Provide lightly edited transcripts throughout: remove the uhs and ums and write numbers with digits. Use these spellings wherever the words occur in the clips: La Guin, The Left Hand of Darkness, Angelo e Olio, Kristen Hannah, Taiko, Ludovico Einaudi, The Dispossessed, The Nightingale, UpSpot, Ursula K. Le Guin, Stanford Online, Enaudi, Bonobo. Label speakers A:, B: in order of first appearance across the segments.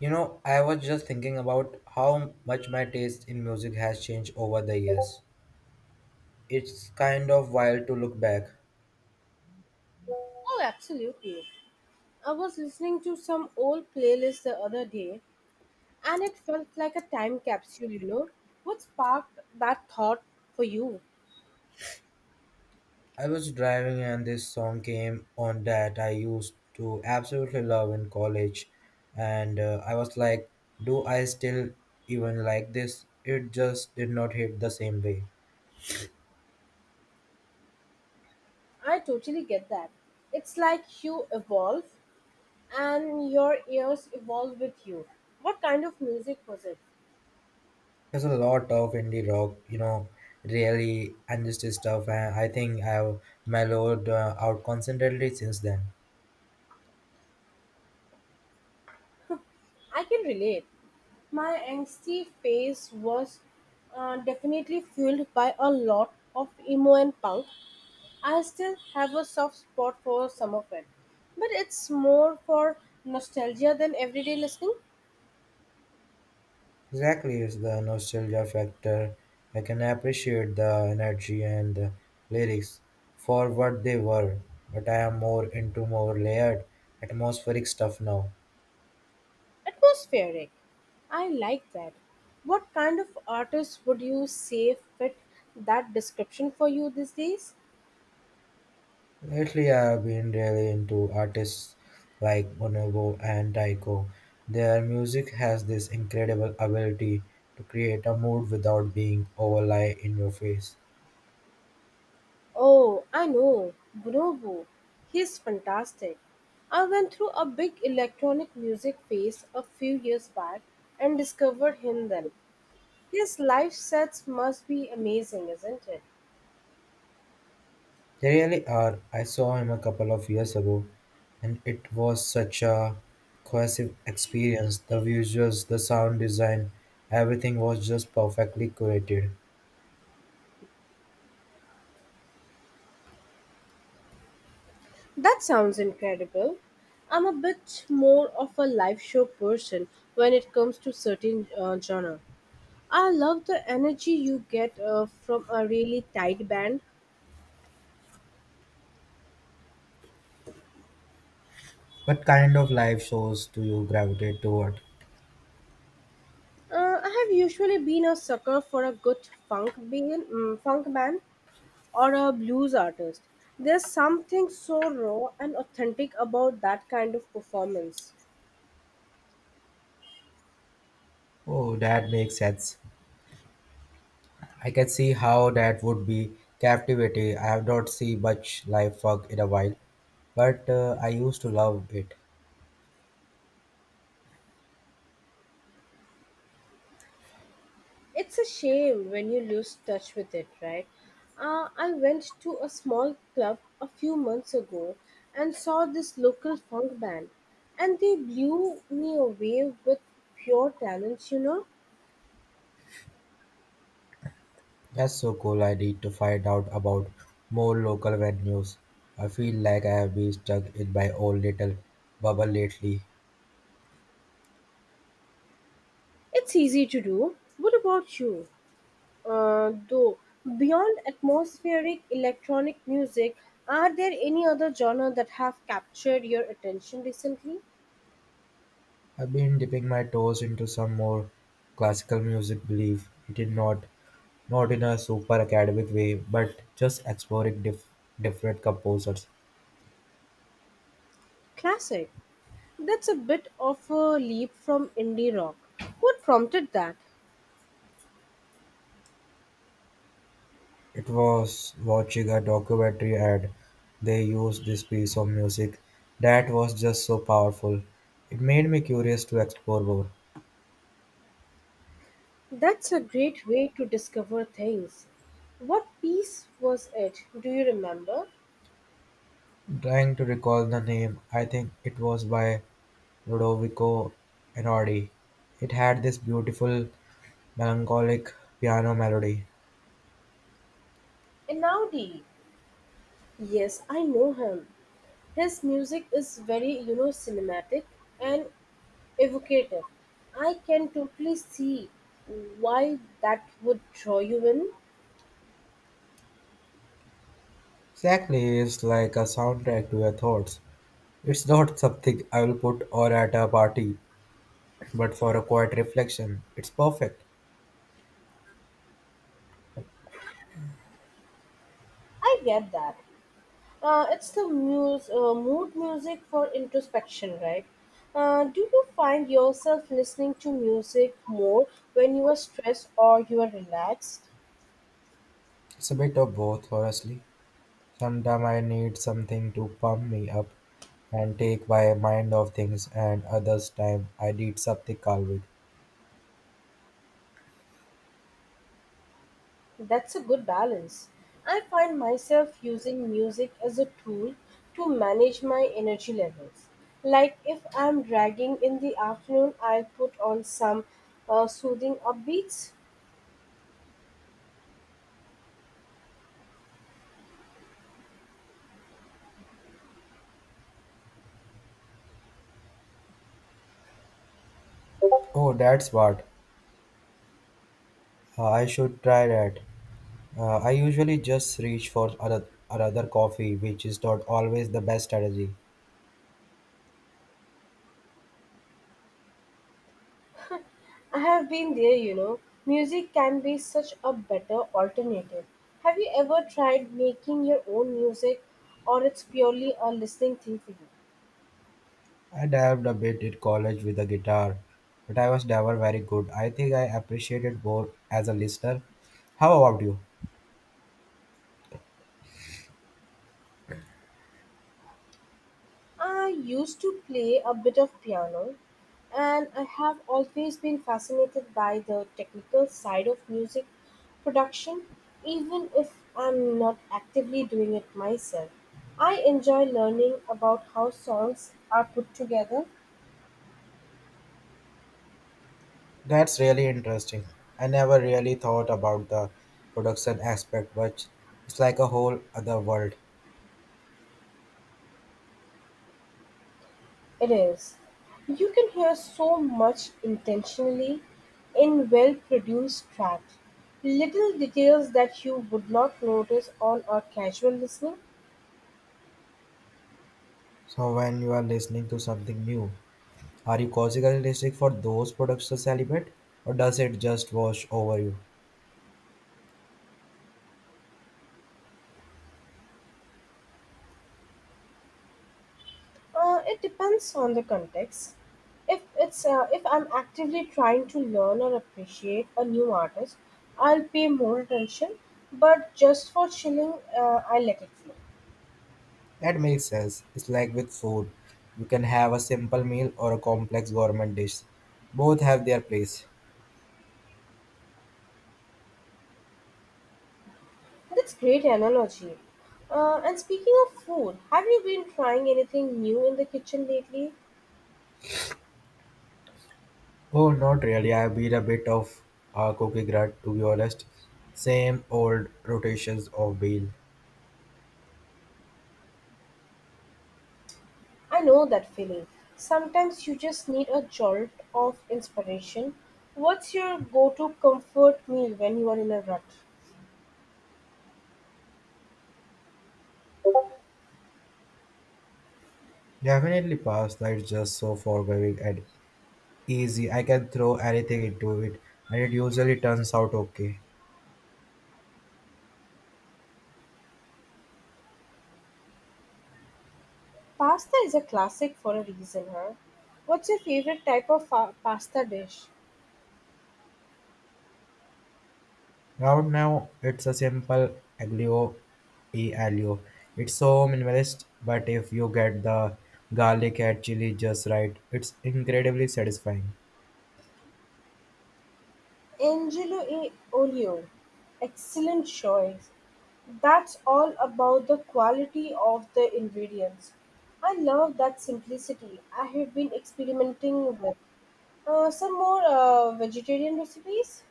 A: You know, I was just thinking about how much my taste in music has changed over the years. It's kind of wild to look back.
B: Oh, absolutely. I was listening to some old playlist the other day and it felt like a time capsule, you know. What sparked that thought for you?
A: I was driving and this song came on that I used to absolutely love in college, and I was like, do I still even like this? It just did not hit the same way.
B: I totally get that. It's like you evolve and your ears evolve with you. What kind of music was it?
A: There's a lot of indie rock, you know, really understated stuff, and I think I've mellowed out constantly since then.
B: I can relate. My angsty phase was definitely fueled by a lot of emo and punk. I still have a soft spot for some of it, but it's more for nostalgia than everyday listening.
A: Exactly, it's the nostalgia factor. I can appreciate the energy and the lyrics for what they were, but I am more into more layered, atmospheric stuff now.
B: Atmospheric. I like that. What kind of artist would you say fit that description for you these days?
A: Lately, I have been really into artists like Bonobo and Taiko. Their music has this incredible ability to create a mood without being overly in your face.
B: Oh, I know. Bonobo. He's fantastic. I went through a big electronic music phase a few years back and discovered him then. His live sets must be amazing, isn't it?
A: They really are. I saw him a couple of years ago, and it was such a cohesive experience. The visuals, the sound design, everything was just perfectly curated.
B: That sounds incredible. I'm a bit more of a live show person when it comes to certain genre. I love the energy you get from a really tight band.
A: What kind of live shows do you gravitate toward?
B: I have usually been a sucker for a good funk band or a blues artist. There's something so raw and authentic about that kind of performance.
A: Oh, that makes sense. I can see how that would be captivating. I have not seen much live fog in a while, but I used to love it.
B: It's a shame when you lose touch with it, right? I went to a small club a few months ago and saw this local funk band, and they blew me away with pure talents, you know?
A: That's so cool. I need to find out about more local venues. I feel like I have been stuck in my own little bubble lately.
B: It's easy to do. What about you? Though, beyond atmospheric electronic music, are there any other genre that have captured your attention recently?
A: I've been dipping my toes into some more classical music, believe it is not not in a super academic way, but just exploring different composers.
B: Classic. That's a bit of a leap from indie rock. What prompted that?
A: It was watching a documentary and they used this piece of music that was just so powerful. It made me curious to explore more.
B: That's a great way to discover things. What piece was it? Do you remember?
A: Trying to recall the name, I think it was by Ludovico Einaudi. It had this beautiful, melancholic piano melody.
B: Enaudi. Yes, I know him. His music is very, you know, cinematic and evocative. I can totally see why that would draw you in.
A: Exactly, it's like a soundtrack to your thoughts. It's not something I will put on at a party, but for a quiet reflection, it's perfect.
B: I get that. It's the mood music for introspection, right? Do you find yourself listening to music more when you are stressed or you are relaxed?
A: It's a bit of both, honestly. Sometimes I need something to pump me up and take my mind off things, and others time I need something calming.
B: That's a good balance. I find myself using music as a tool to manage my energy levels. Like if I'm dragging in the afternoon, I'll put on some soothing upbeats.
A: Oh, that's what. I should try that. I usually just reach for another coffee, which is not always the best strategy.
B: I have been there, you know. Music can be such a better alternative. Have you ever tried making your own music or it's purely a listening thing for you?
A: I dabbed a bit in college with the guitar, but I was never very good. I think I appreciated more as a listener. How about you?
B: I used to play a bit of piano and I have always been fascinated by the technical side of music production, even if I'm not actively doing it myself. I enjoy learning about how songs are put together.
A: That's really interesting. I never really thought about the production aspect much. It's like a whole other world.
B: It is. You can hear so much intentionally in well produced tracks. Little details that you would not notice on a casual listening.
A: So when you are listening to something new, are you causing listening for those productions element or does it just wash over you?
B: It depends on the context. If I'm actively trying to learn or appreciate a new artist, I'll pay more attention. But just for chilling, I let it flow.
A: That makes sense. It's like with food. You can have a simple meal or a complex gourmet dish. Both have their place.
B: That's great analogy. And speaking of food, have you been trying anything new in the kitchen lately?
A: Oh, not really. I've been a bit of a cookie grut, to be honest. Same old rotations of meal.
B: I know that feeling. Sometimes you just need a jolt of inspiration. What's your go to comfort meal when you are in a rut?
A: Definitely pasta is just so forgiving and easy. I can throw anything into it, and it usually turns out okay.
B: Pasta is a classic for a reason, huh? What's your favorite type of pasta dish?
A: Right now, it's a simple aglio e aglio. It's so minimalist, but if you get the garlic and chili just right, it's incredibly satisfying.
B: Angelo e Olio. Excellent choice. That's all about the quality of the ingredients. I love that simplicity I have been experimenting with. Some more vegetarian recipes?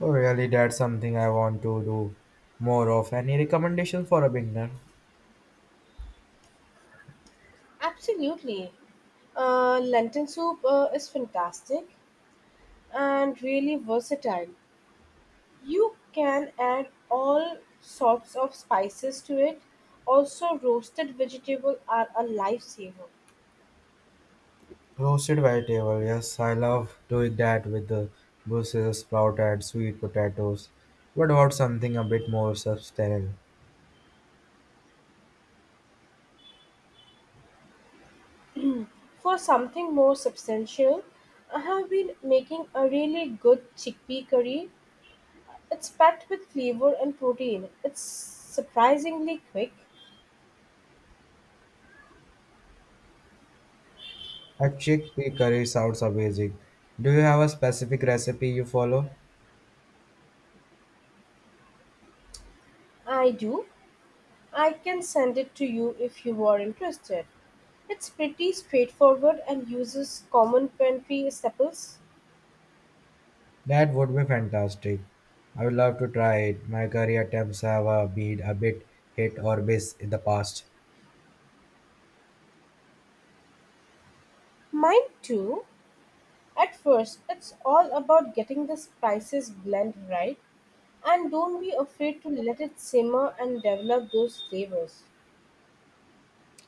A: Oh, really, that's something I want to do more of. Any recommendation for a beginner?
B: Absolutely. Lentil soup is fantastic and really versatile. You can add all sorts of spices to it. Also, roasted vegetables are a lifesaver.
A: Roasted vegetable, yes, I love doing that with the Brussels sprout and sweet potatoes. What about something a bit more substantial?
B: For something more substantial, I have been making a really good chickpea curry. It's packed with flavor and protein. It's surprisingly quick.
A: A chickpea curry sounds amazing. Do you have a specific recipe you follow?
B: I do. I can send it to you if you are interested. It's pretty straightforward and uses common pantry staples.
A: That would be fantastic. I would love to try it. My career attempts have been a bit hit or miss in the past.
B: Mine too. At first, it's all about getting the spices blend right, and don't be afraid to let it simmer and develop those flavors.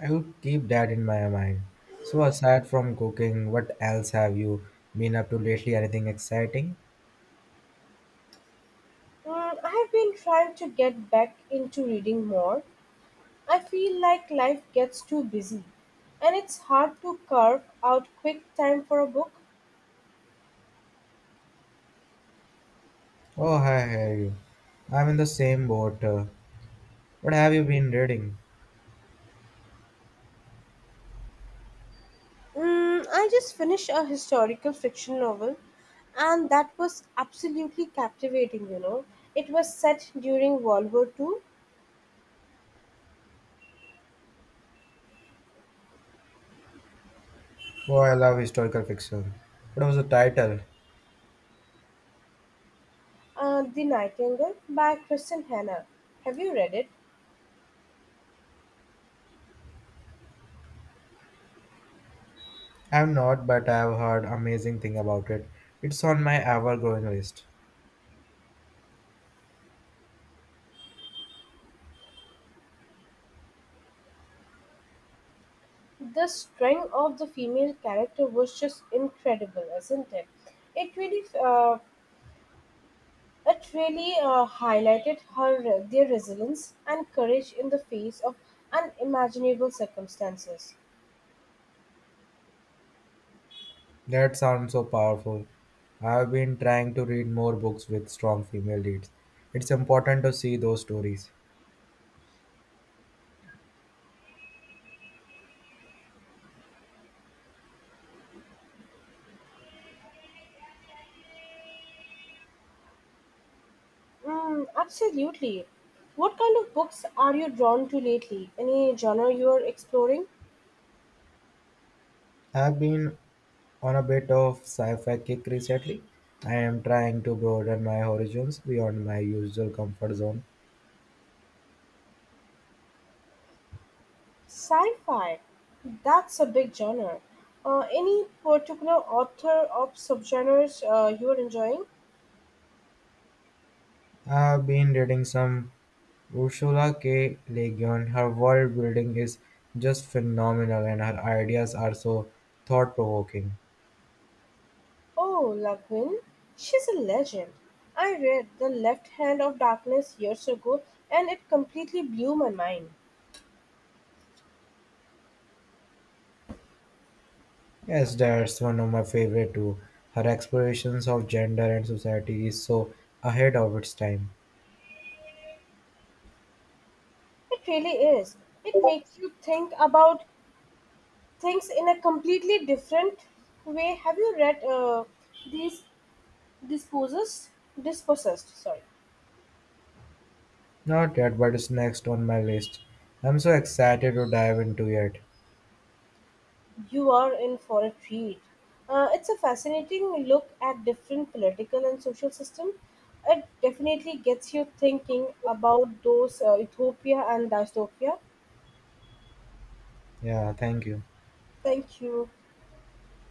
A: I will keep that in my mind. So, aside from cooking, what else have you been up to lately? Anything exciting?
B: Mm, I have been trying to get back into reading more. I feel like life gets too busy, and it's hard to carve out quick time for a book.
A: Oh, hi, how are you? I'm in the same boat. What have you been reading?
B: Mm, I just finished a historical fiction novel, and that was absolutely captivating, you know. It was set during World War II.
A: Oh, I love historical fiction. What was the title?
B: The Nightingale by Kristen Hannah. Have you read it?
A: I'm not, but I've heard amazing thing about it. It's on my ever-growing list.
B: The strength of the female character was just incredible, isn't it? It really, uh, it really highlighted her their resilience and courage in the face of unimaginable circumstances.
A: That sounds so powerful. I've been trying to read more books with strong female leads. It's important to see those stories.
B: Mm, absolutely. What kind of books are you drawn to lately? Any genre you are exploring?
A: I've been on a bit of sci-fi kick recently. I am trying to broaden my horizons beyond my usual comfort zone.
B: Sci fi. That's a big genre. Any particular author of subgenres you are enjoying?
A: I've been reading some Ursula K. Le Guin. Her world building is just phenomenal and her ideas are so thought provoking.
B: Oh, La Guin. She's a legend. I read The Left Hand of Darkness years ago and it completely blew my mind.
A: Yes, that's one of my favorite too. Her explorations of gender and society is so ahead of its time.
B: It really is. It makes you think about things in a completely different way. Have you read these dispossessed dispossessed, sorry?
A: Not yet, but it's next on my list. I'm so excited to dive into it.
B: You are in for a treat. It's a fascinating look at different political and social system. It definitely gets you thinking about those utopia and dystopia.
A: Yeah, thank you.
B: Thank you.